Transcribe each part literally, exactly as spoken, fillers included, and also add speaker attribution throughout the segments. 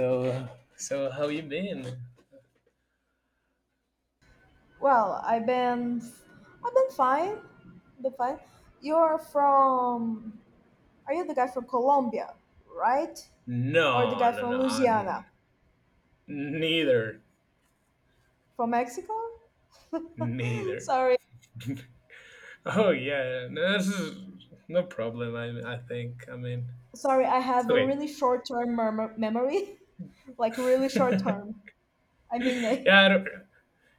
Speaker 1: So, so how you been?
Speaker 2: Well, I've been, I've been fine, been fine. You're from, are you the guy from Colombia, right?
Speaker 1: No,
Speaker 2: Or the guy
Speaker 1: no,
Speaker 2: from
Speaker 1: no, n-
Speaker 2: Louisiana,
Speaker 1: neither,
Speaker 2: from Mexico?
Speaker 1: neither.
Speaker 2: Sorry,
Speaker 1: Oh yeah, no, this is no problem. I, I think. I mean,
Speaker 2: sorry, I
Speaker 1: it's
Speaker 2: have a
Speaker 1: okay.
Speaker 2: really short-term mem- memory, like really short-term. I mean, eh,
Speaker 1: yeah, I don't,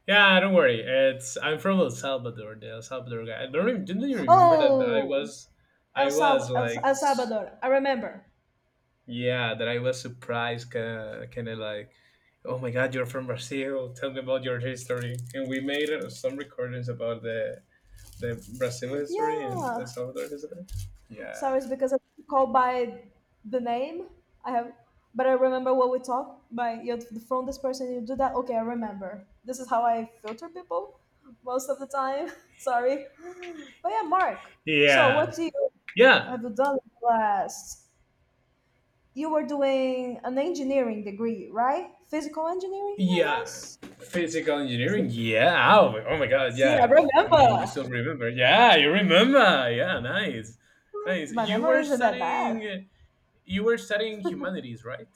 Speaker 1: yeah, don't worry. It's I'm from El Salvador, the El Salvador guy. I don't even, didn't you remember that I
Speaker 2: oh,
Speaker 1: was, I
Speaker 2: El
Speaker 1: was
Speaker 2: Salv- El,
Speaker 1: like,
Speaker 2: El
Speaker 1: s-
Speaker 2: Salvador. I remember.
Speaker 1: yeah, that I was surprised, kind of like, oh my God, you're from Brazil. Tell me about your history. And we made uh, some recordings about the the Brazil history and El
Speaker 2: Yeah,
Speaker 1: Salvador history. Yeah.
Speaker 2: sorry, it's because I called by the name. I have, but I remember what we talked by you are from this person. You do that, okay? I remember. This is how I filter people most of the time. Sorry, but yeah, Mark. So
Speaker 1: Yeah.
Speaker 2: what do you
Speaker 1: Yeah.
Speaker 2: have you done in the last? You were doing an engineering degree, right? Physical engineering, I
Speaker 1: Yeah.
Speaker 2: guess.
Speaker 1: Physical engineering. Yeah. Oh, oh my God.
Speaker 2: See, I
Speaker 1: Yeah. I mean, you
Speaker 2: remember.
Speaker 1: still remember? Yeah, you remember. Yeah. Nice. Nice.
Speaker 2: My
Speaker 1: You
Speaker 2: memory
Speaker 1: were
Speaker 2: isn't that bad.
Speaker 1: studying. You were studying humanities, right?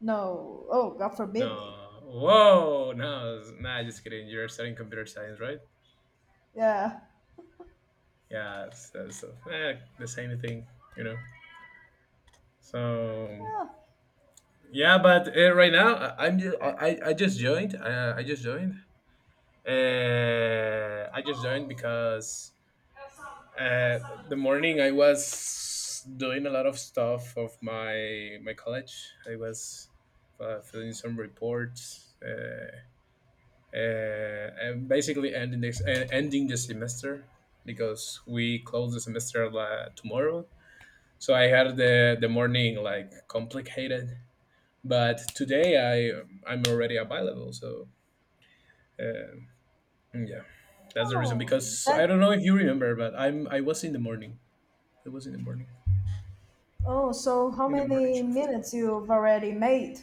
Speaker 2: No. Oh, God forbid me.
Speaker 1: No. Whoa. No. Nah. Just kidding. You're studying computer science, right?
Speaker 2: Yeah.
Speaker 1: Yeah. So, so eh, the same thing. You know. So
Speaker 2: Yeah.
Speaker 1: yeah, but uh, right now I, I'm ju- I, I I just joined. Uh, I just joined. Uh, I just joined because uh, the morning I was doing a lot of stuff of my my college. I was uh, filling some reports uh, uh, and basically ending this uh, ending the semester because we close the semester uh, tomorrow. So I had the the morning like complicated. But today I I'm already available, so uh, yeah, that's the reason.
Speaker 2: Oh,
Speaker 1: Because
Speaker 2: that.
Speaker 1: I don't know if you remember, but I'm I was in the morning. I was in the morning
Speaker 2: Oh, so how
Speaker 1: in the morning
Speaker 2: many
Speaker 1: shift.
Speaker 2: minutes you've already made?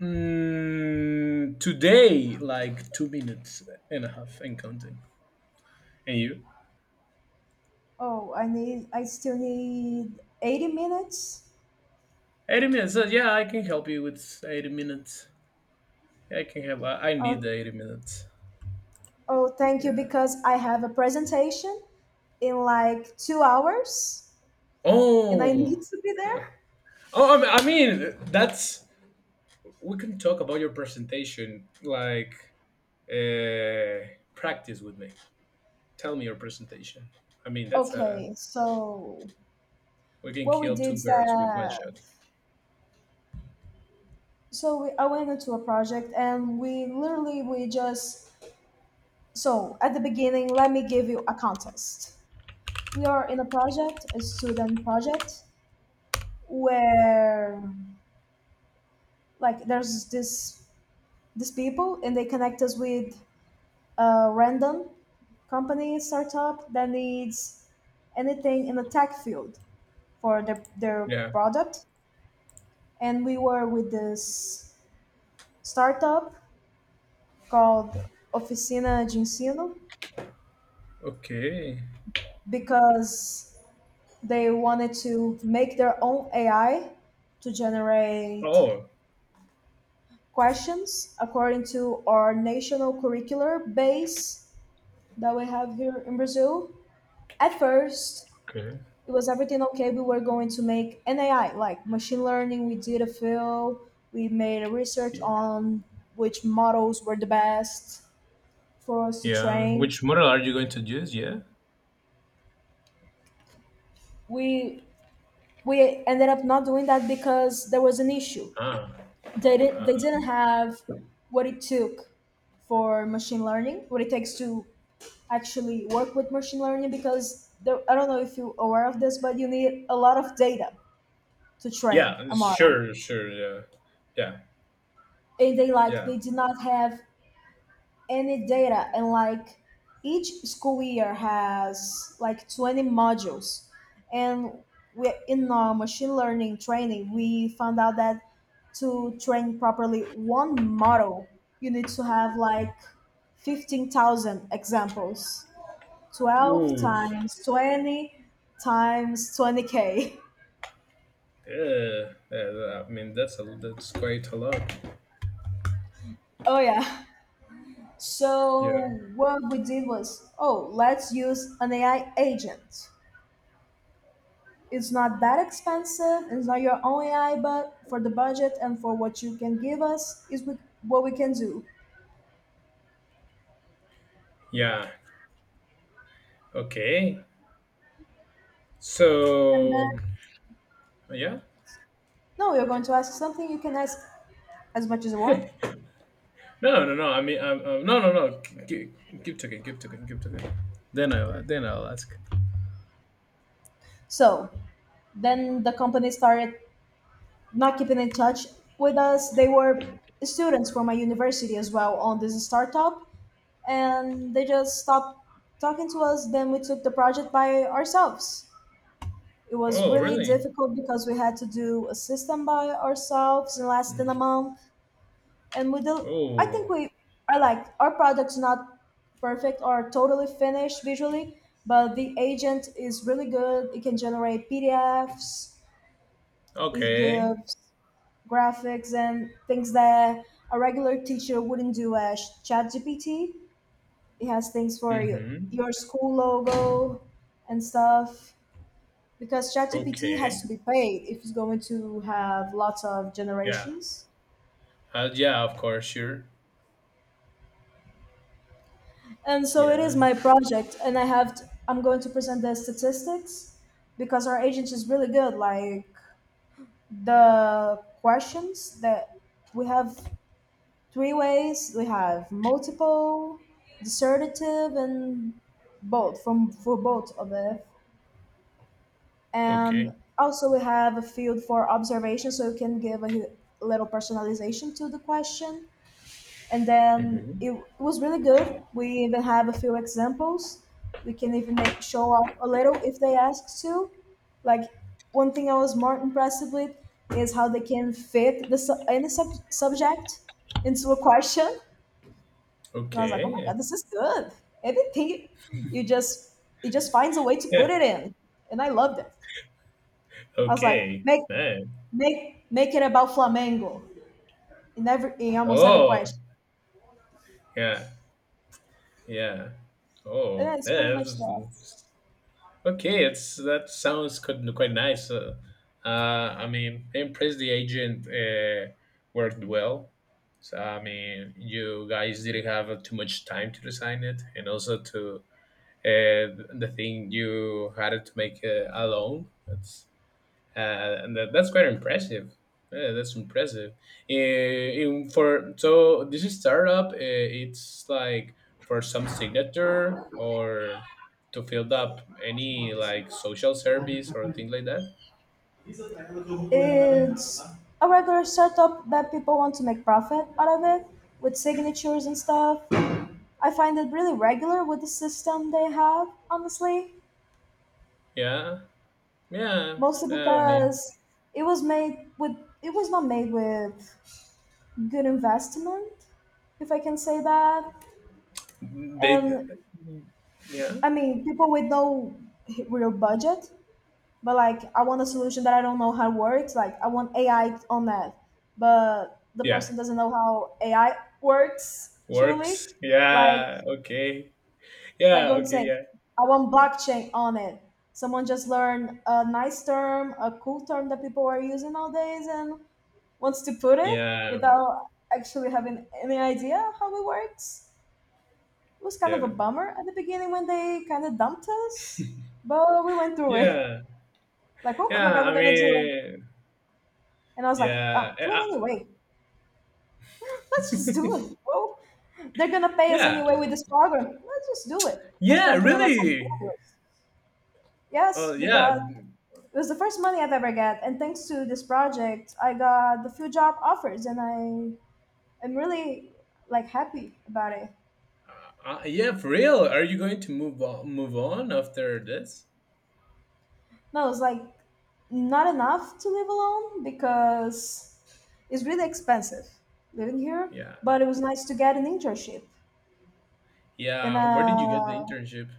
Speaker 1: Mm, today, like two minutes and a half and counting. And you?
Speaker 2: Oh, I need. I still need eighty minutes.
Speaker 1: eighty minutes. So yeah, I can help you with eighty minutes. Yeah, I can help. I, I need
Speaker 2: Oh,
Speaker 1: the eighty minutes.
Speaker 2: oh, thank you
Speaker 1: Yeah.
Speaker 2: because I have a presentation in like two hours, and I
Speaker 1: Oh.
Speaker 2: need to be there.
Speaker 1: Yeah. Oh, I mean, I mean, that's we can talk about your presentation. Like uh, practice with me. Tell me your presentation. I mean, that's a
Speaker 2: Okay, so
Speaker 1: we can
Speaker 2: what we
Speaker 1: kill
Speaker 2: did
Speaker 1: two
Speaker 2: is
Speaker 1: birds with one
Speaker 2: that
Speaker 1: shot.
Speaker 2: so we, I went into a project, and we literally we just so at the beginning, let me give you a context. We are in a project, a student project, where like there's this these people, and they connect us with a random company startup that needs anything in the tech field for their, their
Speaker 1: Yeah.
Speaker 2: product, and we were with this startup called oficina de ensino,
Speaker 1: Okay.
Speaker 2: because they wanted to make their own ai to generate
Speaker 1: Oh.
Speaker 2: questions according to our national curricular base that we have here in Brazil. At first,
Speaker 1: Okay.
Speaker 2: it was everything okay. We were going to make N A I, like machine learning. We did a fill, we made a research
Speaker 1: Yeah.
Speaker 2: on which models were the best for us to
Speaker 1: Yeah.
Speaker 2: train.
Speaker 1: Which model are you going to use? Yeah.
Speaker 2: We we ended up not doing that because there was an issue.
Speaker 1: Ah.
Speaker 2: They didn't they didn't have what it took for machine learning, what it takes to actually work with machine learning, because there, I don't know if you're aware of this, but you need a lot of data to train
Speaker 1: Yeah.
Speaker 2: a model,
Speaker 1: Sure. Sure. Yeah. Yeah.
Speaker 2: and they, like,
Speaker 1: Yeah.
Speaker 2: they did not have any data, and like each school year has like twenty modules, and we in our machine learning training we found out that to train properly one model you need to have like fifteen thousand examples, twelve
Speaker 1: Oof.
Speaker 2: times twenty times twenty k.
Speaker 1: Yeah. yeah, yeah. I mean, that's a that's quite a lot.
Speaker 2: Oh yeah. So
Speaker 1: Yeah.
Speaker 2: what we did was, oh, let's use an A I agent. It's not that expensive. It's not your own A I, but for the budget and for what you can give us is we- what we can do.
Speaker 1: Yeah. Okay.
Speaker 2: And then,
Speaker 1: So. Yeah.
Speaker 2: no, you're going to ask something. You can ask as much as you want.
Speaker 1: No, no, no. I mean, um, um, no, no, no. Give, give token, give token, give token. Then I, then I'll ask.
Speaker 2: So then the company started not keeping in touch with us. They were students from my university as well on this startup, and they just stopped talking to us. Then we took the project by ourselves. It was
Speaker 1: Oh,
Speaker 2: really
Speaker 1: really?
Speaker 2: difficult because we had to do a system by ourselves in less than
Speaker 1: Mm.
Speaker 2: a month, and we do. I think
Speaker 1: Oh,
Speaker 2: we are, like, our product's not perfect or totally finished visually, but the agent is really good. It can generate P D Fs. It
Speaker 1: okay.
Speaker 2: gives graphics and things that a regular teacher wouldn't do, as ChatGPT. It has things for your,
Speaker 1: Mm-hmm.
Speaker 2: your school logo and stuff. Because ChatGPT has to
Speaker 1: Okay.
Speaker 2: be paid if it's going to have lots of
Speaker 1: Yeah.
Speaker 2: generations.
Speaker 1: Uh, yeah. Of course. Sure.
Speaker 2: And so it is
Speaker 1: Yeah.
Speaker 2: my project, and I have to, I'm going to present the statistics because our agency is really good. Like the questions that we have three ways: we have multiple, dissertative, and both from for both of it. And
Speaker 1: Okay.
Speaker 2: also we have a field for observation, so you can give a little personalization to the question, and then
Speaker 1: Mm-hmm.
Speaker 2: it, was really good. We even have a few examples. We can even make, show off a little if they ask to. Like one thing I was more impressed with is how they can fit the su- any sub- subject into a question, and I was like, oh my
Speaker 1: Okay.
Speaker 2: god, this is good. Anything you just— it just finds a way to
Speaker 1: Yeah.
Speaker 2: put it in, and I loved it. I was like,
Speaker 1: Okay.
Speaker 2: make
Speaker 1: Man.
Speaker 2: make make it about Flamengo in every in almost every
Speaker 1: Oh.
Speaker 2: question.
Speaker 1: Yeah. Yeah.
Speaker 2: And
Speaker 1: Oh.
Speaker 2: that's pretty
Speaker 1: Yeah.
Speaker 2: much that.
Speaker 1: Okay, it's that sounds quite, quite nice. Uh, uh, I mean, I'm impressed the agent uh, worked well. So I mean, you guys didn't have uh, too much time to design it, and also to uh, the thing you had to make uh, alone. That's uh, and that, that's quite impressive. Yeah, that's impressive. Eh, in- for so this is startup, eh, it's like for some signature or to fill up any like social service or thing like that.
Speaker 2: It's a regular setup that people want to make profit out of it, with signatures and stuff. I find it really regular with the system they have, honestly,
Speaker 1: Yeah, yeah.
Speaker 2: mostly
Speaker 1: yeah, I mean,
Speaker 2: because it was made with it was not made with good investment, if I can say that.
Speaker 1: they,
Speaker 2: And
Speaker 1: yeah,
Speaker 2: I mean, people with no real budget, but like, I want a solution that I don't know how it works. Like, I want A I on that, but the
Speaker 1: yeah.
Speaker 2: person doesn't know how A I works
Speaker 1: Works.
Speaker 2: truly. Like
Speaker 1: Yeah. Okay.
Speaker 2: like
Speaker 1: Yeah.
Speaker 2: going to
Speaker 1: Okay.
Speaker 2: say,
Speaker 1: Yeah.
Speaker 2: I want blockchain on it. Someone just learned a nice term, a cool term that people are using nowadays, and wants to put it
Speaker 1: Yeah,
Speaker 2: without actually having any idea how it works. It was kind of a
Speaker 1: yeah,
Speaker 2: bummer at the beginning when they kind of dumped us, but we went through it.
Speaker 1: yeah,
Speaker 2: Like, oh my
Speaker 1: yeah.
Speaker 2: god, we're
Speaker 1: I
Speaker 2: gonna do it.
Speaker 1: mean,
Speaker 2: And I was like,
Speaker 1: yeah,
Speaker 2: ah,
Speaker 1: eh,
Speaker 2: do it
Speaker 1: uh,
Speaker 2: anyway. Let's just do it. Well, they're gonna pay us
Speaker 1: yeah.
Speaker 2: anyway with this program. Let's just do it. Put
Speaker 1: Yeah,
Speaker 2: something on our
Speaker 1: really.
Speaker 2: portfolios.
Speaker 1: Oh,
Speaker 2: Yes, we got
Speaker 1: yeah,
Speaker 2: it— was the first money I've ever got, and thanks to this project, I got the few job offers, and I am really, like, happy about it.
Speaker 1: uh, uh, yeah, for real. Are you going to move on, move on after this?
Speaker 2: No, it's like not enough to live alone because it's really expensive living here.
Speaker 1: Yeah,
Speaker 2: But it was nice to get an internship in
Speaker 1: yeah.
Speaker 2: a—
Speaker 1: Where did you get the internship?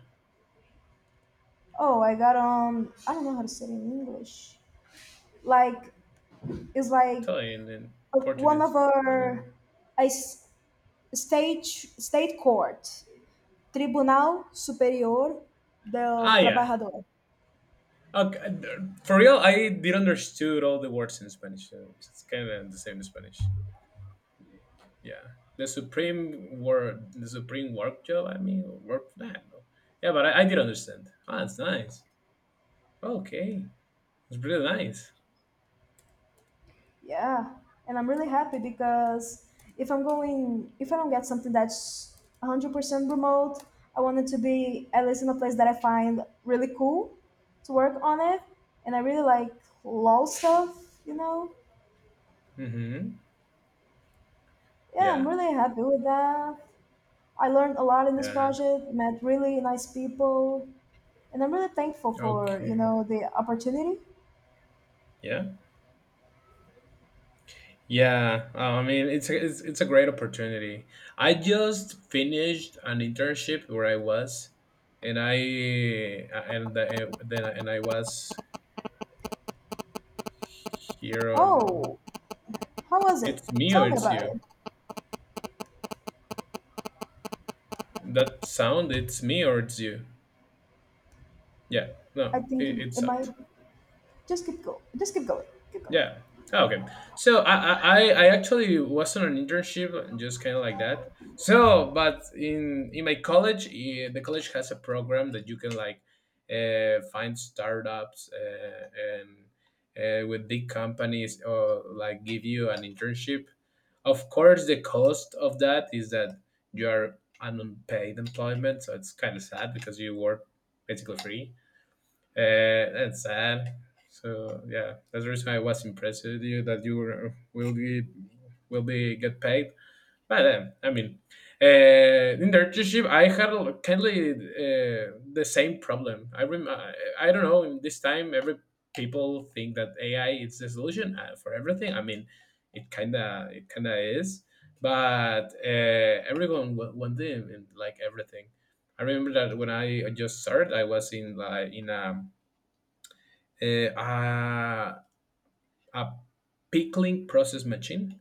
Speaker 2: oh, I got, um, I don't know how to say it in English. Like it's like
Speaker 1: Italian and
Speaker 2: uh, one
Speaker 1: Portuguese.
Speaker 2: of
Speaker 1: Don't worry.
Speaker 2: our a s- stage state court, Tribunal Superior del
Speaker 1: Ah, yeah.
Speaker 2: Trabajador.
Speaker 1: Okay, th- for real, I did understood all the words in Spanish. So it's kind of the same in Spanish. Yeah, the supreme word, the supreme work job. I mean, work. I don't know. Yeah, but I, I did understand. Ah, it's nice. Okay, it's really nice.
Speaker 2: Yeah, and I'm really happy because if I'm going, if I don't get something that's one hundred percent remote, I want it to be at least in a place that I find really cool to work on it, and I really like law stuff, you know.
Speaker 1: Mm-hmm.
Speaker 2: Yeah, I'm
Speaker 1: Yeah,
Speaker 2: really happy with that. I learned a lot in this
Speaker 1: yeah.
Speaker 2: project, met really nice people, and I'm really thankful for, you
Speaker 1: Okay.
Speaker 2: know, the opportunity.
Speaker 1: Yeah. Yeah. Uh, I mean, it's a, it's it's a great opportunity. I just finished an internship where I was, and I uh, and the, uh, then and I was here on.
Speaker 2: Oh, how was it?
Speaker 1: It's me or
Speaker 2: Tell me
Speaker 1: it's
Speaker 2: about
Speaker 1: you.
Speaker 2: it.
Speaker 1: That sound. It's me or it's you. Yeah.
Speaker 2: I
Speaker 1: No. It,
Speaker 2: think it
Speaker 1: it's up.
Speaker 2: might just keep going. Just keep going. Keep going.
Speaker 1: Yeah. Oh, okay. So I, I I I actually was on an internship, just kind of like that. So, but in in my college, eh, the college has a program that you can like uh, find startups uh, and uh, with big companies or like give you an internship. Of course, the cost of that is that you are an unpaid employment, so it's kind of sad because you work basically free. Uh, that's sad. So yeah, that's the reason I was impressed with you that you were, will be will be get paid. But um, I mean, uh, in the internship, I had a- kindly uh, the same problem. I rem- I I don't know. In this time, every people think that A I is the solution uh, for everything. I mean, it kinda it kinda is, but uh, everyone wa- wanted in like everything. I remember that when I just started, I was in like in a uh, a, a pickling process machine,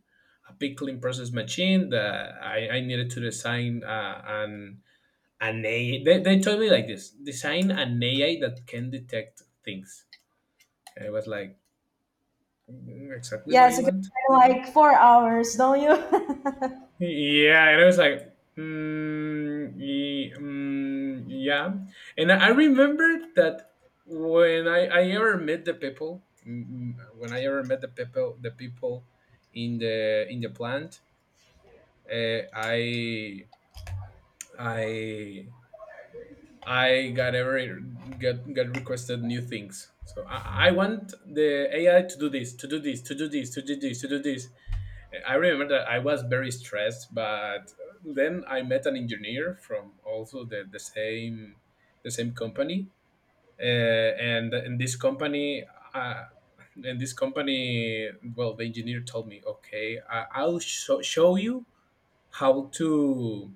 Speaker 1: a pickling process machine that I, I needed to design uh, an an A I. They, they told me like this: design an A I that can detect things. And I was like, "Mm, exactly what
Speaker 2: Yeah,
Speaker 1: do you
Speaker 2: so it's a good
Speaker 1: want?
Speaker 2: like four hours, don't you?
Speaker 1: Yeah, and I was like, mm, ye- mm, yeah. And I remember that when I, I ever met the people, mm, mm, when I ever met the people, the people in the in the plant, uh, I I I got ever got got requested new things. So I, I want the A I to do this, to do this, to do this, to do this, to do this. I remember that I was very stressed, but then I met an engineer from also the, the same the same company, uh, and in this company, uh, in this company, well, the engineer told me, okay, I, I'll sho show you how to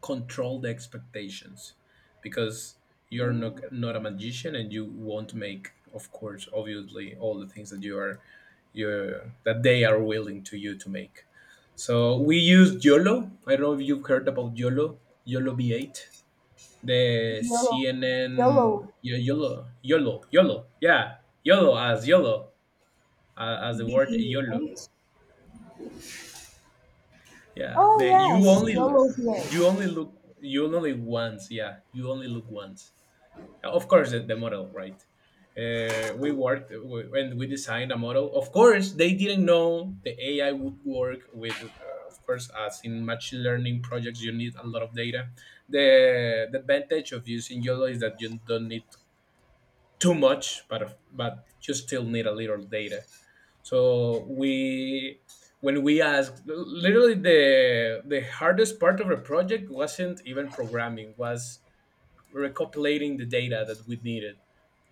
Speaker 1: control the expectations because you're not, not a magician and you won't make of course obviously all the things that you are you that they are willing to you to make. So we use YOLO. I don't know if you've heard about yolo yolo v eight, the
Speaker 2: YOLO. YOLO.
Speaker 1: CNN. Yo- yolo yolo YOLO, yeah. YOLO as YOLO, uh, as the word
Speaker 2: B-A.
Speaker 1: YOLO. Yeah,
Speaker 2: Oh
Speaker 1: the you
Speaker 2: yes,
Speaker 1: only
Speaker 2: YOLO BA.
Speaker 1: you only look you only once. Yeah, you only look once. Uh, of course, the, the model, right. uh, we worked w- and we designed a model. Of course, they didn't know the AI would work with. uh, of course, as in machine learning projects, you need a lot of data. the, the advantage of using YOLO is that you don't need too much, but of- but you still need a little data. So we, when we asked, literally the the hardest part of the project wasn't even programming, was recopilating the data that we needed.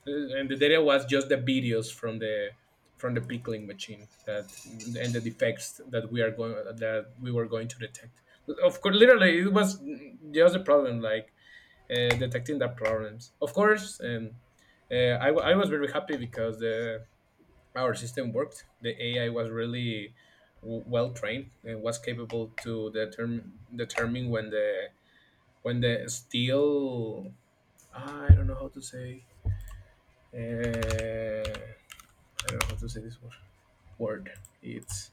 Speaker 1: uh, and the data was just the videos from the from the pickling machine, that and the defects that we are going that we were going to detect. Of course, literally it was just a problem like uh, detecting the problems, of course. and uh, I, wa- I was very happy because the our system worked, the AI was really w- well trained and was capable to determine determine when the when the steel, I don't know how to say, uh, I don't know how to say this word. Word. It's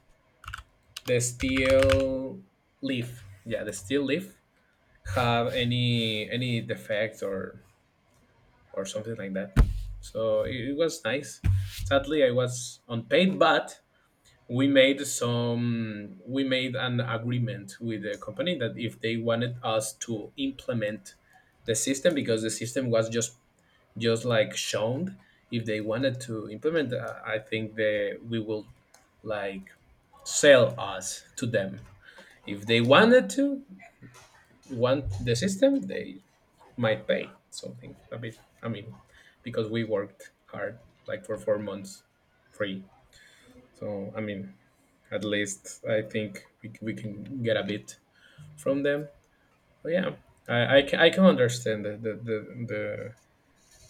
Speaker 1: the steel leaf. Yeah, the steel leaf have any any defects or or something like that. So it, it was nice. Sadly, I was unpaid, but we made some we made an agreement with the company that if they wanted us to implement the system, because the system was just just like shown. If they wanted to implement, uh, I think they, we will like sell us to them. If they wanted to want the system, they might pay something a bit. I mean, because we worked hard, like for four months, free. So I mean, at least I think we, c- we can get a bit from them. But yeah, I, I, can, I can understand the the, the, the,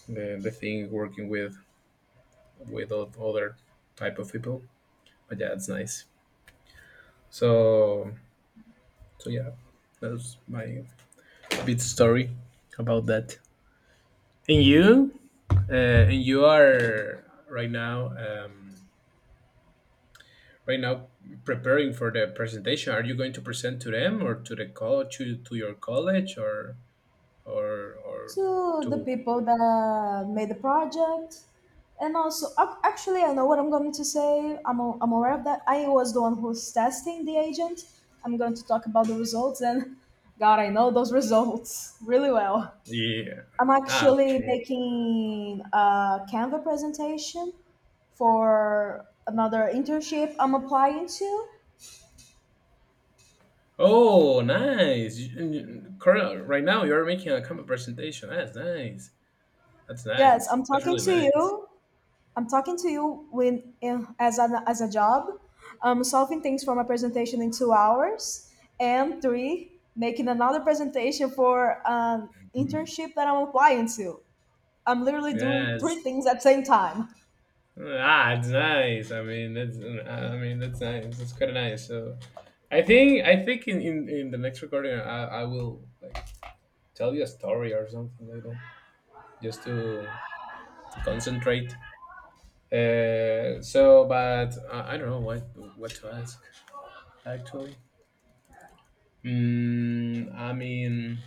Speaker 1: the the thing, working with with o- other type of people. But yeah, it's nice. So so yeah, that's my bit story about that. And you, uh, and you are right now, um, right now preparing for the presentation. Are you going to present to them or to the college, to, to your college, or or or
Speaker 2: To the
Speaker 1: to?
Speaker 2: people that made the project. And also, ac- actually, I know what I'm going to say. I'm, a- I'm aware of that. I was the one who's testing the agent. I'm going to talk about the results, and God, I know those results really well.
Speaker 1: Yeah.
Speaker 2: I'm
Speaker 1: Ah,
Speaker 2: actually
Speaker 1: okay.
Speaker 2: making a Canva presentation for another internship I'm applying to.
Speaker 1: Oh, nice. You- you- cur- Right now, you're making a company presentation. That's nice. That's
Speaker 2: Yes,
Speaker 1: nice.
Speaker 2: I'm
Speaker 1: That's
Speaker 2: talking
Speaker 1: really
Speaker 2: to
Speaker 1: nice.
Speaker 2: you. I'm talking to you when eh, as an as a job, um, solving things from a presentation in two hours, and three, making another presentation for an internship that I'm applying to. I'm literally doing three
Speaker 1: Yes.
Speaker 2: things at the same time.
Speaker 1: Ah, it's nice. I mean, that's I mean, that's nice. That's quite nice. So I think I think in in, in the next recording I, I will like tell you a story or something like that just to to concentrate. Uh, so, but uh, I don't know what what to ask actually. Mm, I mean,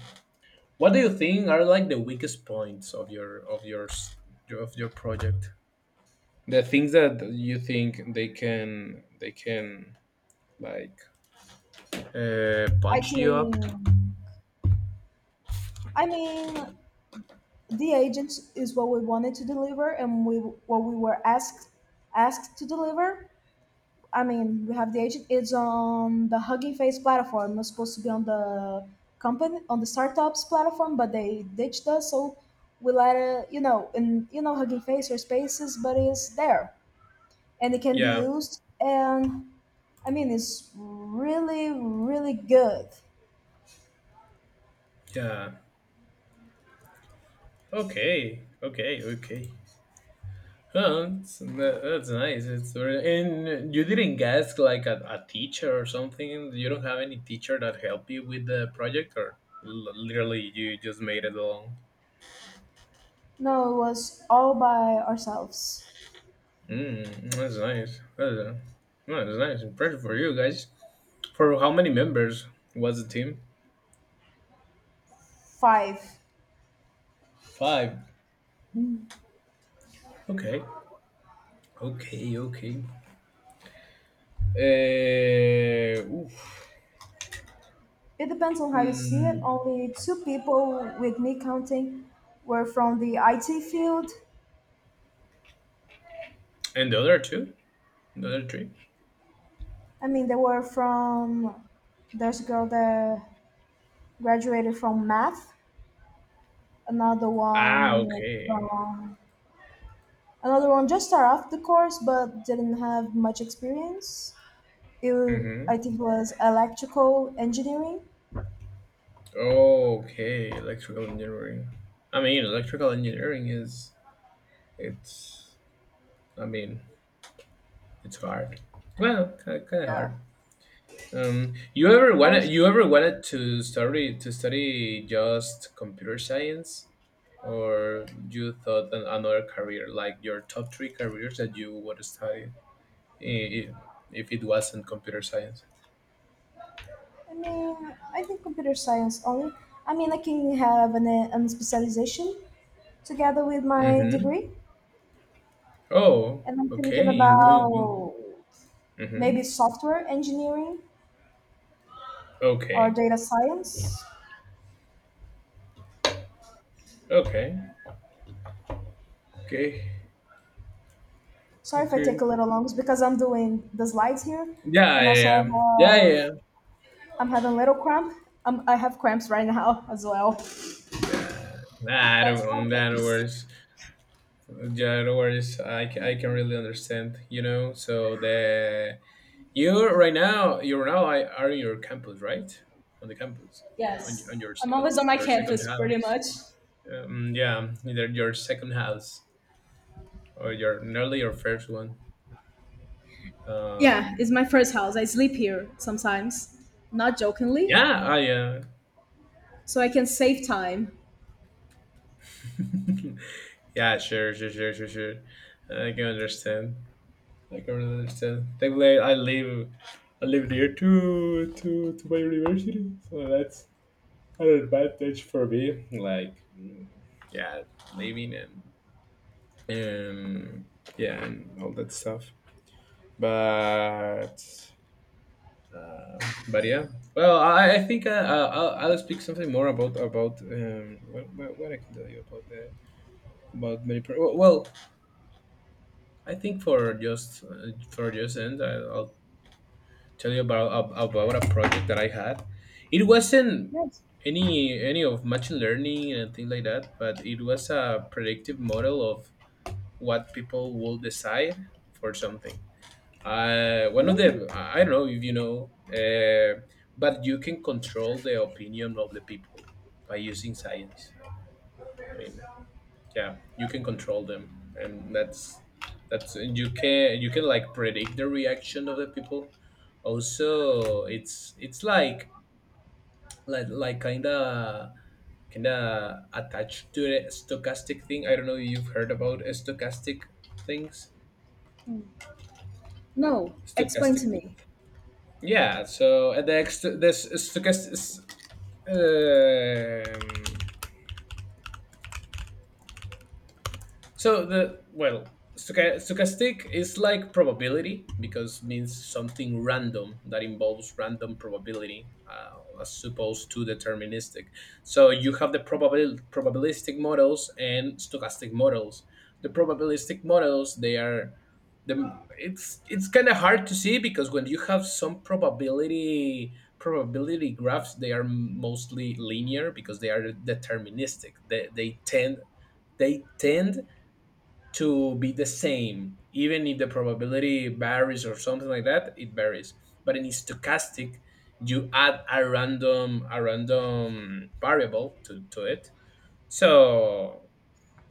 Speaker 1: what do you think are like the weakest points of your of your s- of your project? The things that you think they can they can like uh,
Speaker 2: I
Speaker 1: punch you up?
Speaker 2: think, I mean, the agent is what we wanted to deliver, and we what we were asked asked to deliver. I mean, we have the agent. It's on the Hugging Face platform. It was supposed to be on the company, on the startup's platform, but they ditched us. So we let it, you know, in you know Hugging Face or Spaces, but it's there and it can be
Speaker 1: Yeah,
Speaker 2: used. And I mean, it's really, really good.
Speaker 1: yeah. Okay, okay, okay. Well, that's, that- that's nice. It's very- and you didn't get like a, a teacher or something. You don't have any teacher that helped you with the project, or l- literally you just made it alone.
Speaker 2: No, it was all by ourselves.
Speaker 1: Mm, that's nice. That's, uh, no, that's nice. Impressive for you guys. For how many members was the team?
Speaker 2: Five.
Speaker 1: Five. Okay. Okay. Okay. Uh, oof.
Speaker 2: It depends on how you see it.
Speaker 1: Mm,
Speaker 2: Only two people, with me counting, were from the I T field.
Speaker 1: and the other two, the other three.
Speaker 2: I mean, they were from there's a girl that graduated from math, another
Speaker 1: Ah,
Speaker 2: one
Speaker 1: okay.
Speaker 2: from another one just started off the course but didn't have much experience. It wa-
Speaker 1: Mm-hmm.
Speaker 2: I think was electrical engineering.
Speaker 1: Okay, electrical engineering. I mean, electrical engineering is it's. I mean, it's hard. Well, kind of
Speaker 2: Yeah.
Speaker 1: hard. Um, you ever wanted
Speaker 2: Also,
Speaker 1: you ever wanted to study to study just computer science, or you thought an, another career like your top three careers that you would study i- i- if it wasn't computer science?
Speaker 2: I mean, I think computer science only. I mean, I can have an, an, specialization together with my
Speaker 1: Mm-hmm.
Speaker 2: degree,
Speaker 1: Oh,
Speaker 2: and I'm thinking
Speaker 1: okay. In, in,
Speaker 2: about
Speaker 1: mm-hmm.
Speaker 2: maybe software engineering or
Speaker 1: Okay.
Speaker 2: data science.
Speaker 1: Okay. Okay.
Speaker 2: Sorry if I
Speaker 1: Okay.
Speaker 2: take a little long, it's because I'm doing the slides here,
Speaker 1: Yeah,
Speaker 2: and also
Speaker 1: yeah, yeah,
Speaker 2: I
Speaker 1: yeah,
Speaker 2: have I'm having a little cramp. Um, I have cramps right now as well.
Speaker 1: yeah. Nah, I
Speaker 2: That's one
Speaker 1: don't, nah, no
Speaker 2: thing.
Speaker 1: worries. Yeah, no worries. I, ca- I can really understand, you know. So the you right now, you're now I are in your campus, right? On the campus, on, y-
Speaker 2: Yes,
Speaker 1: on your
Speaker 2: I'm
Speaker 1: second
Speaker 2: always on my
Speaker 1: your second
Speaker 2: campus, pretty
Speaker 1: house.
Speaker 2: much.
Speaker 1: Um, yeah, either your second house or your nearly your first one.
Speaker 2: Yeah, it's
Speaker 1: Um,
Speaker 2: my first house. I sleep here sometimes, not jokingly,
Speaker 1: yeah, I yeah,
Speaker 2: so I can save time.
Speaker 1: yeah, sure, sure, sure, sure, sure. I can understand. Like, I can really understand. Thankfully, I live, I live near to to to my university, so that's an advantage for me. Like, mm, yeah, living and and yeah, and all that stuff. But uh, but yeah, well, I, I think I, I- I'll I'll speak something more about about um what, what, what I can tell you about the about many. Pro- well, I think for just uh, for just end, I, I'll tell you about ab- about a project that I had. It wasn't
Speaker 2: Yes.
Speaker 1: any any of machine learning and things like that, but it was a predictive model of what people will decide for something. Uh, one of the
Speaker 2: Ooh.
Speaker 1: I don't know if you know, uh, but you can control the opinion of the people by using science. I mean, yeah, you can control them, and that's that's and you can you can like predict the reaction of the people. Also, it's it's like like like kind of kind of attached to the stochastic thing. I don't know if you've heard about stochastic things.
Speaker 2: No, explain
Speaker 1: Stochastic,
Speaker 2: to me.
Speaker 1: yeah. So uh, the ex- this stochastic, um, so the well, stocha- stochastic is like probability, because means something random that involves random probability, uh, as opposed to deterministic. So you have the probabil- probabilistic models and stochastic models. The probabilistic models, they are the it's it's kind of hard to see, because when you have some probability probability graphs, they are mostly linear because they are deterministic. They, they tend, they tend to be the same even if the probability varies or something like that, it varies. But in stochastic, you add a random a random variable to, to it. So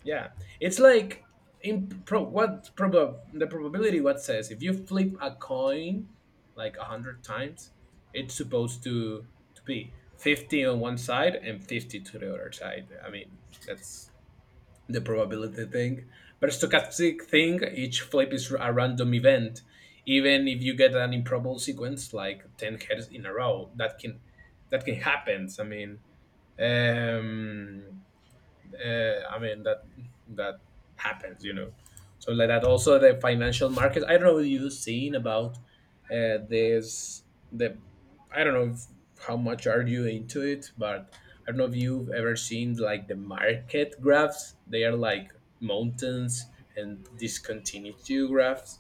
Speaker 1: yeah, it's like in pro, what proba- the probability, what says if you flip a coin like a hundred times, it's supposed to to be fifty on one side and fifty to the other side. I mean, that's the probability thing. But stochastic thing, each flip is a random event. Even if you get an improbable sequence like ten heads in a row, that can, that can happen. I mean, um, uh, I mean that that happens, you know. So, like that, also the financial markets, I don't know if you've seen about uh, this the I don't know if, how much are you into it, but I don't know if you've ever seen like the market graphs. They are like mountains and discontinuity graphs,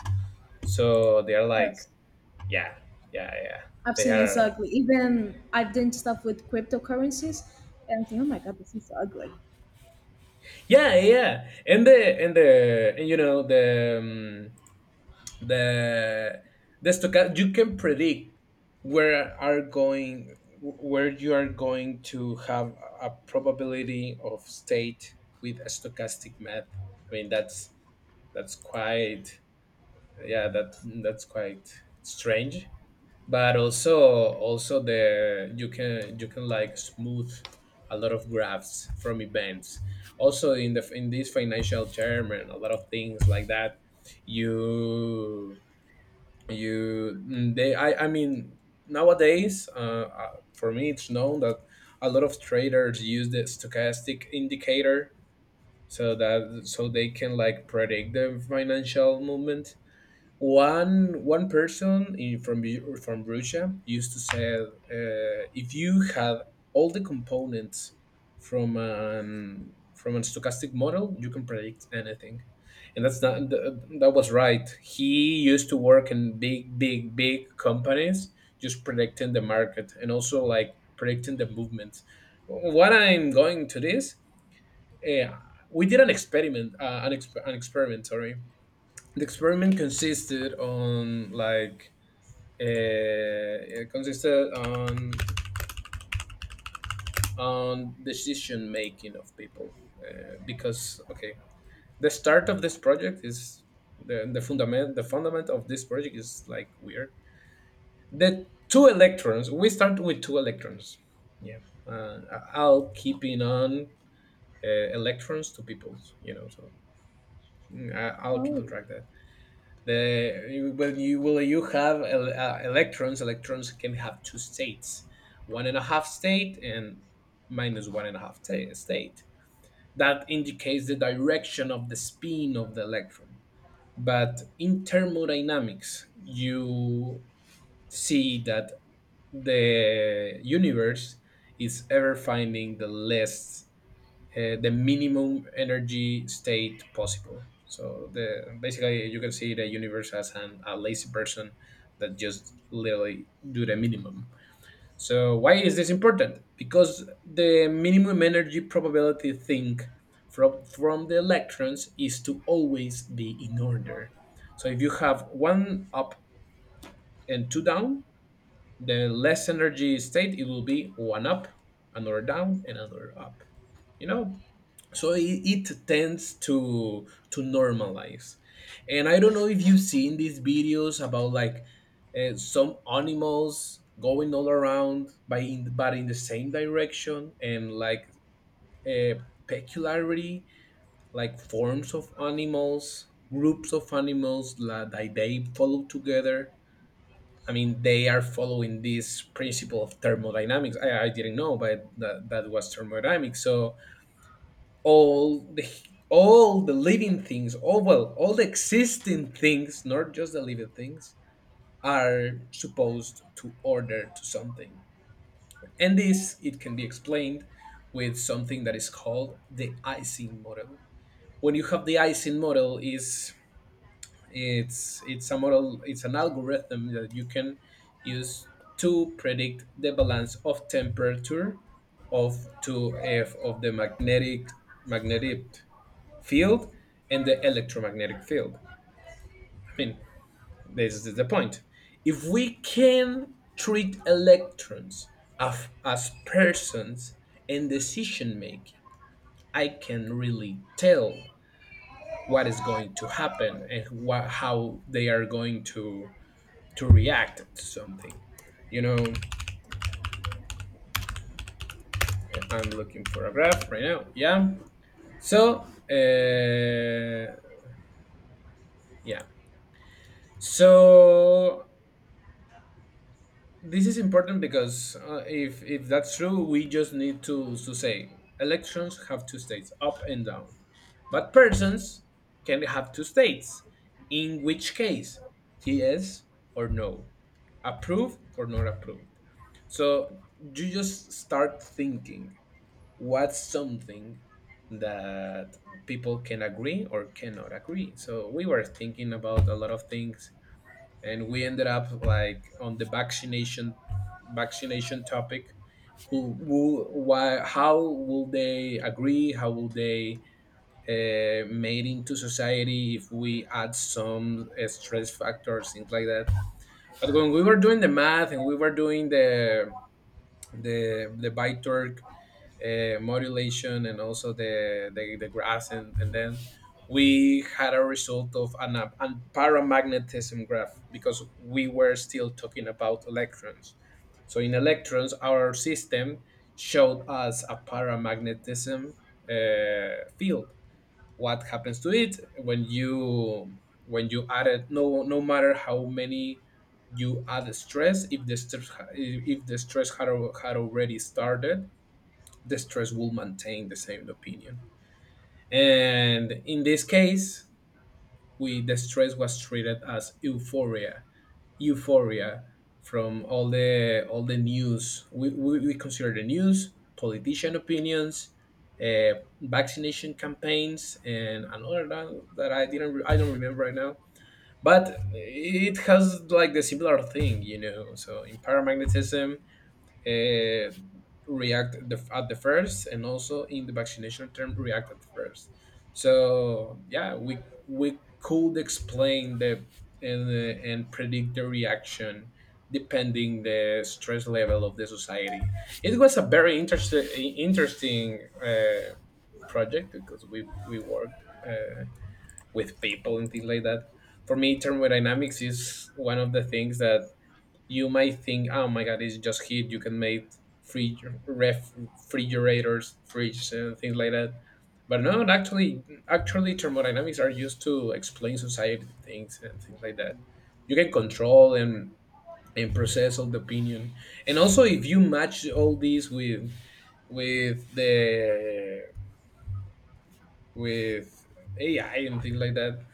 Speaker 1: so they are
Speaker 2: Yes,
Speaker 1: like, yeah, yeah, yeah,
Speaker 2: I've
Speaker 1: they
Speaker 2: seen, it's
Speaker 1: are,
Speaker 2: ugly. Even I've done stuff with cryptocurrencies, and I think, oh my god, this is ugly.
Speaker 1: yeah, yeah. And the and the and you know the um, the the stochastic, you can predict where are going, where you are going to have a probability of state with a stochastic math. I mean, that's that's quite, yeah, that, that's quite strange. But also, also the, you can, you can like smooth a lot of graphs from events, also in the, in this financial term, and a lot of things like that. You you mm, they i i mean, nowadays, uh, uh, for me it's known that a lot of traders use the stochastic indicator, so that, so they can like predict the financial movement. One one person in, from Ru- from Russia used to say, uh, if you have all the components from an from a stochastic model, you can predict anything, and that's not th- that was right. He used to work in big, big, big companies, just predicting the market and also like predicting the movements. What I'm going to this, uh, we did an experiment, uh, an, exp- an experiment, sorry, the experiment consisted on like, uh, it consisted on on decision making of people, uh, because, okay, the start of this project is the, the fundament the fundament of this project is like weird. The two electrons, we start with two electrons, yeah. uh, I- I'll keeping on, uh, electrons to people, you know, so, mm, I- I'll keep on
Speaker 2: Oh,
Speaker 1: track. The When you will you have, uh, electrons, electrons can have two states, one and a half state and minus one and a half ta- state. That indicates the direction of the spin of the electron. But in thermodynamics, you see that the universe is ever finding the least, uh, the minimum energy state possible. So the basically you can see the universe as an, a lazy person that just literally do the minimum. So why is this important? Because the minimum energy probability thing from from the electrons is to always be in order. So if you have one up and two down, the less energy state, it will be one up, another down, and another up, you know. So it, it tends to to normalize. And I don't know if you've seen these videos about like, uh, some animals going all around by in, but in the same direction, and like a peculiarity, like forms of animals, groups of animals la- that they follow together. I mean, they are following this principle of thermodynamics. i, I didn't know, but that, that was thermodynamics. So all the, all the living things, all, well, all the existing things, not just the living things, are supposed to order to something. And this, it can be explained with something that is called the icing model. When you have the icing model, is, it's it's a model, it's an algorithm that you can use to predict the balance of temperature of two f of the magnetic magnetic field and the electromagnetic field. I mean, this is the point. If we can treat electrons of, as persons in decision making, I can really tell what is going to happen, and what, how they are going to to react to something. You know, I'm looking for a graph right now. Yeah. So, uh, yeah. So, this is important because, uh, if if that's true, we just need to to say elections have two states, up and down, but persons can have two states. In which case, yes or no, approved or not approved. So you just start thinking what's something that people can agree or cannot agree. So we were thinking about a lot of things, and we ended up like on the vaccination vaccination topic. Who, who why, how will they agree? How will they, uh, made into society if we add some, uh, stress factors, things like that. But when we were doing the math, and we were doing the, the the ByTorque, uh, modulation, and also the, the, the graphs, and, and then we had a result of an, an paramagnetism graph, because we were still talking about electrons. So in electrons, our system showed us a paramagnetism, uh, field. What happens to it when you, when you add it, no, no matter how many, you add stress. If the stress ha- if the stress had, al- had already started, the stress will maintain the same opinion. And in this case, we the stress was treated as euphoria, euphoria from all the, all the news. We we, we consider the news, politician opinions, uh, vaccination campaigns, and another that, that I didn't re- I don't remember right now. But it has like the similar thing, you know. So in paramagnetism, uh, react at the, at the first, and also in the vaccination term, react at first. So yeah, we we could explain the, and, uh, and predict the reaction depending the stress level of the society. It was a very interesting, interesting, uh, project, because we we worked, uh, with people and things like that. For me, thermodynamics is one of the things that you might think, oh my god, it's just heat, you can make free ref, refrigerators, fridges, and things like that. But no, actually, actually, thermodynamics are used to explain society things and things like that. You can control and and process all the opinion, and also, if you match all these with with the with A I and things like that,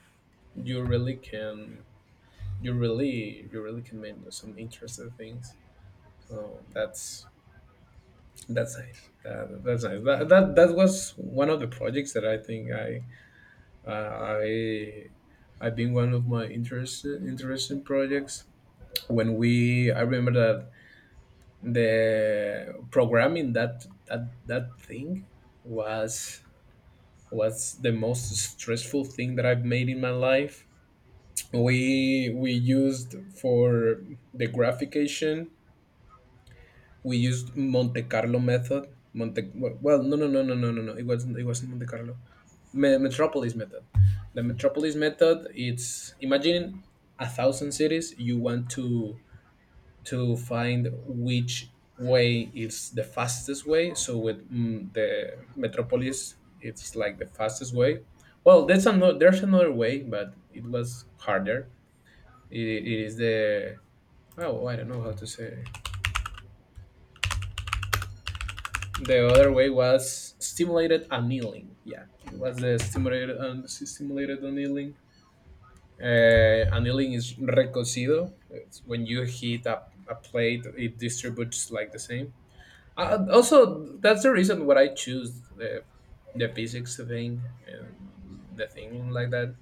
Speaker 1: you really can you really you really can make some interesting things. So that's That's nice. That, that's nice. That, that that was one of the projects that I think I uh, I I've been one of my interest interesting projects. When we I remember that the programming that that that thing was was the most stressful thing that I've made in my life. We we used for the graphication we used Monte Carlo method. Monte Well, no, no, no, no, no, no, no. It wasn't. It wasn't Monte Carlo. Me- Metropolis method. The Metropolis method. It's, imagine a thousand cities. You want to to find which way is the fastest way. So, with mm, the Metropolis, it's like the fastest way. Well, that's another. There's another way, but it was harder. It, it is the, oh, I don't know how to say. The other way was stimulated annealing. Yeah, it was the stimulated un- stimulated annealing. Uh, annealing is recocido. It's when you heat up a plate, it distributes like the same. Uh, also, that's the reason why I choose the the physics thing and the thing like that,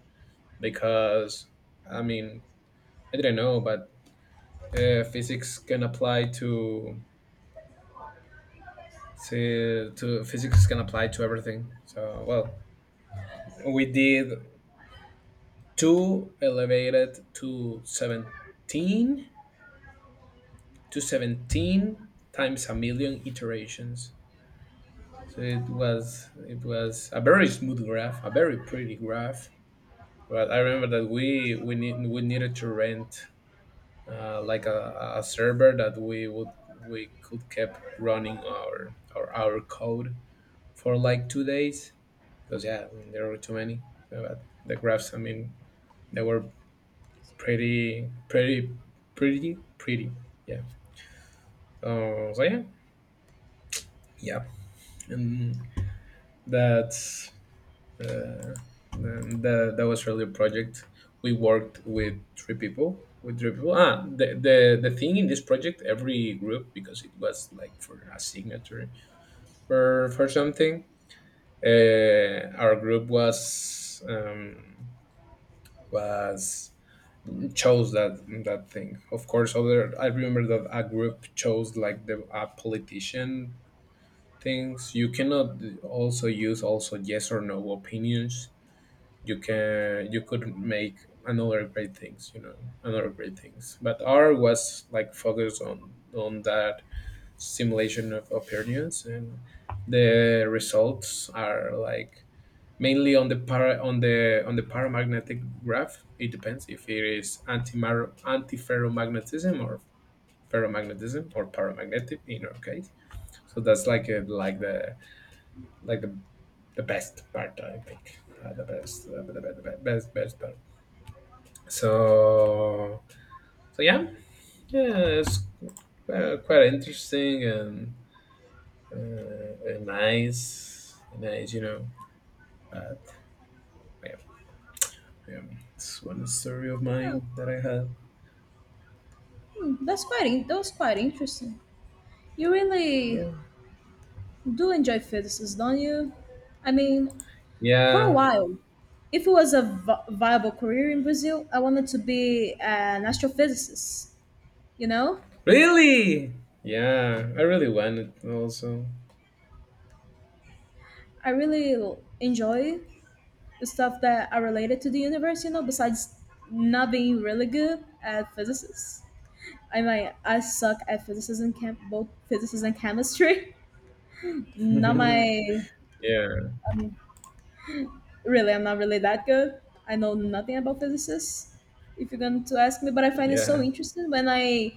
Speaker 1: because, I mean, I didn't know. But uh, physics can apply to to to- physics can apply to everything. So, well, we did two elevated to seventeen to seventeen times a million iterations. So, it was it was a very smooth graph, a very pretty graph. But I remember that we we need, we needed to rent uh, like a, a server that we would we could keep running our our, our code for like two days, because yeah, there were too many. So. But the graphs, I mean, they were pretty pretty pretty pretty, yeah. Uh, so, yeah, yeah. And that's uh, that, that was really a project. We worked with three people with three people. Ah the, the the thing in this project, every group, because it was like for a signature, for for something. Uh, our group was um, was chose that that thing. Of course, other, I remember that a group chose like the a politician things. You cannot also use, also yes or no opinions. You can you could make another great things you know Another great things, but r was like focused on on that simulation of opinions. And the results are, like, mainly on the para on the on the paramagnetic graph. It depends if it is antimatter, antiferromagnetism, or ferromagnetism, or paramagnetic in our case. So that's like a, like the, like the the best part, I think. uh, the best the, the, the, the best best part. So so, yeah, yeah, it's quite, quite interesting. And uh, nice, nice you know But yeah, yeah, it's one story of
Speaker 2: yeah.
Speaker 1: mine that I had.
Speaker 2: Hmm, that's quite in- that was quite interesting. You really
Speaker 1: Yeah,
Speaker 2: do enjoy fetuses, don't you? I mean, for a
Speaker 1: yeah.
Speaker 2: while, if it was a vi- viable career in Brazil, I wanted to be an astrophysicist. You know,
Speaker 1: Really. Yeah, I really wanted also.
Speaker 2: I really l- enjoy the stuff that are related to the universe. You know, besides not being really good at physics. I mean, I suck at physics and chem- both physics and chemistry. Not
Speaker 1: Yeah,
Speaker 2: my um, Really, I'm not really that good. I know nothing about physicists if you're going to ask me, but I find it
Speaker 1: yeah.
Speaker 2: so interesting when I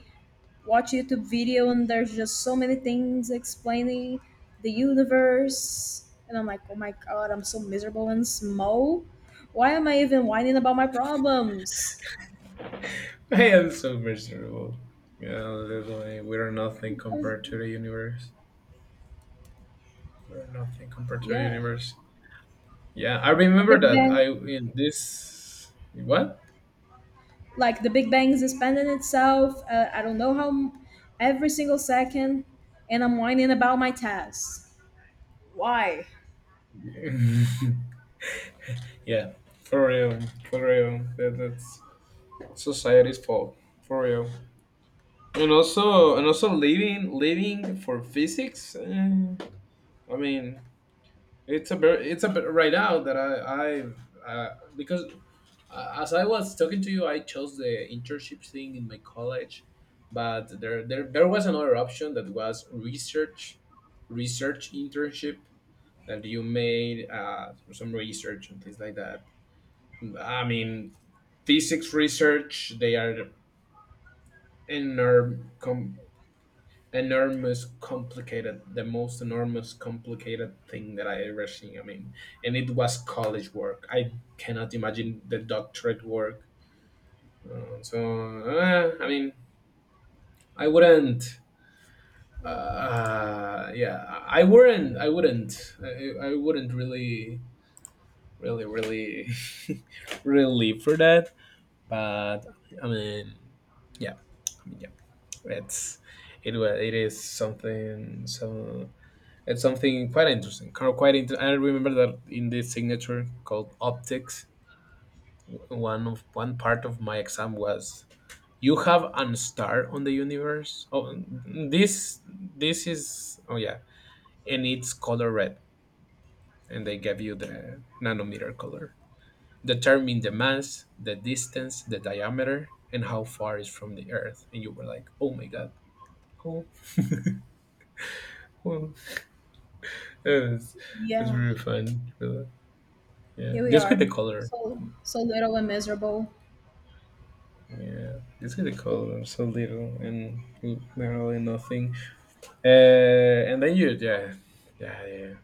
Speaker 2: watch YouTube video, and there's just so many things explaining the universe, and I'm like, oh my god, I'm so miserable and small. Why am I even whining about my problems?
Speaker 1: I am so miserable. Yeah, literally, we are nothing compared to the universe. We're nothing compared to a
Speaker 2: Yeah,
Speaker 1: universe. Yeah, I
Speaker 2: the
Speaker 1: remember
Speaker 2: big
Speaker 1: that. I
Speaker 2: bang,
Speaker 1: in this, what?
Speaker 2: like the big bang is expanding itself, uh, I don't know how m- every single second, and I'm whining about my tasks. Why?
Speaker 1: Yeah, for real, for real. That, that's society's fault. For real. And also, and also, living, living for physics. eh, I mean, it's a very, it's a bit right now that I, I, uh, because. Uh, as I was talking to you, I chose the internship thing in my college, but there there, there was another option that was research research internship, that you made uh, some research and things like that. I mean, physics research, they are enorm com- enormous complicated, the most enormous complicated thing that I ever seen. I mean, and it was college work. I cannot imagine the doctorate work. Uh, so, uh, I mean, I wouldn't. Uh, yeah, I I wouldn't. I wouldn't. I, I wouldn't really, really, really, really live for that. But I mean, yeah. I mean, yeah. It's it. was It is something. So it's something quite interesting, kind of. Quite. Inter- I remember that in this signature called optics, w- one of one part of my exam was, you have an star on the universe. Oh, this this is. Oh, yeah. And it's color red, and they give you the nanometer color. Determine the mass, the distance, the diameter, and how far is from the earth, and you were like, oh my god. Oh. Oh. It's, it's
Speaker 2: Yeah.
Speaker 1: really fun. Really. Yeah,
Speaker 2: Here we
Speaker 1: just with
Speaker 2: are.
Speaker 1: the color.
Speaker 2: So so little and miserable.
Speaker 1: Yeah, just with the color. So little and literally nothing. uh and then you, yeah, yeah, yeah.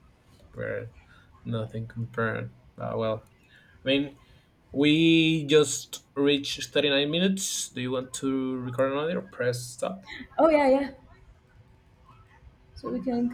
Speaker 1: Where. Nothing compared. Ah, well, I mean, we just reached thirty-nine minutes. Do you want to record another? Press stop.
Speaker 2: Oh yeah, yeah. So
Speaker 1: Yeah.
Speaker 2: we can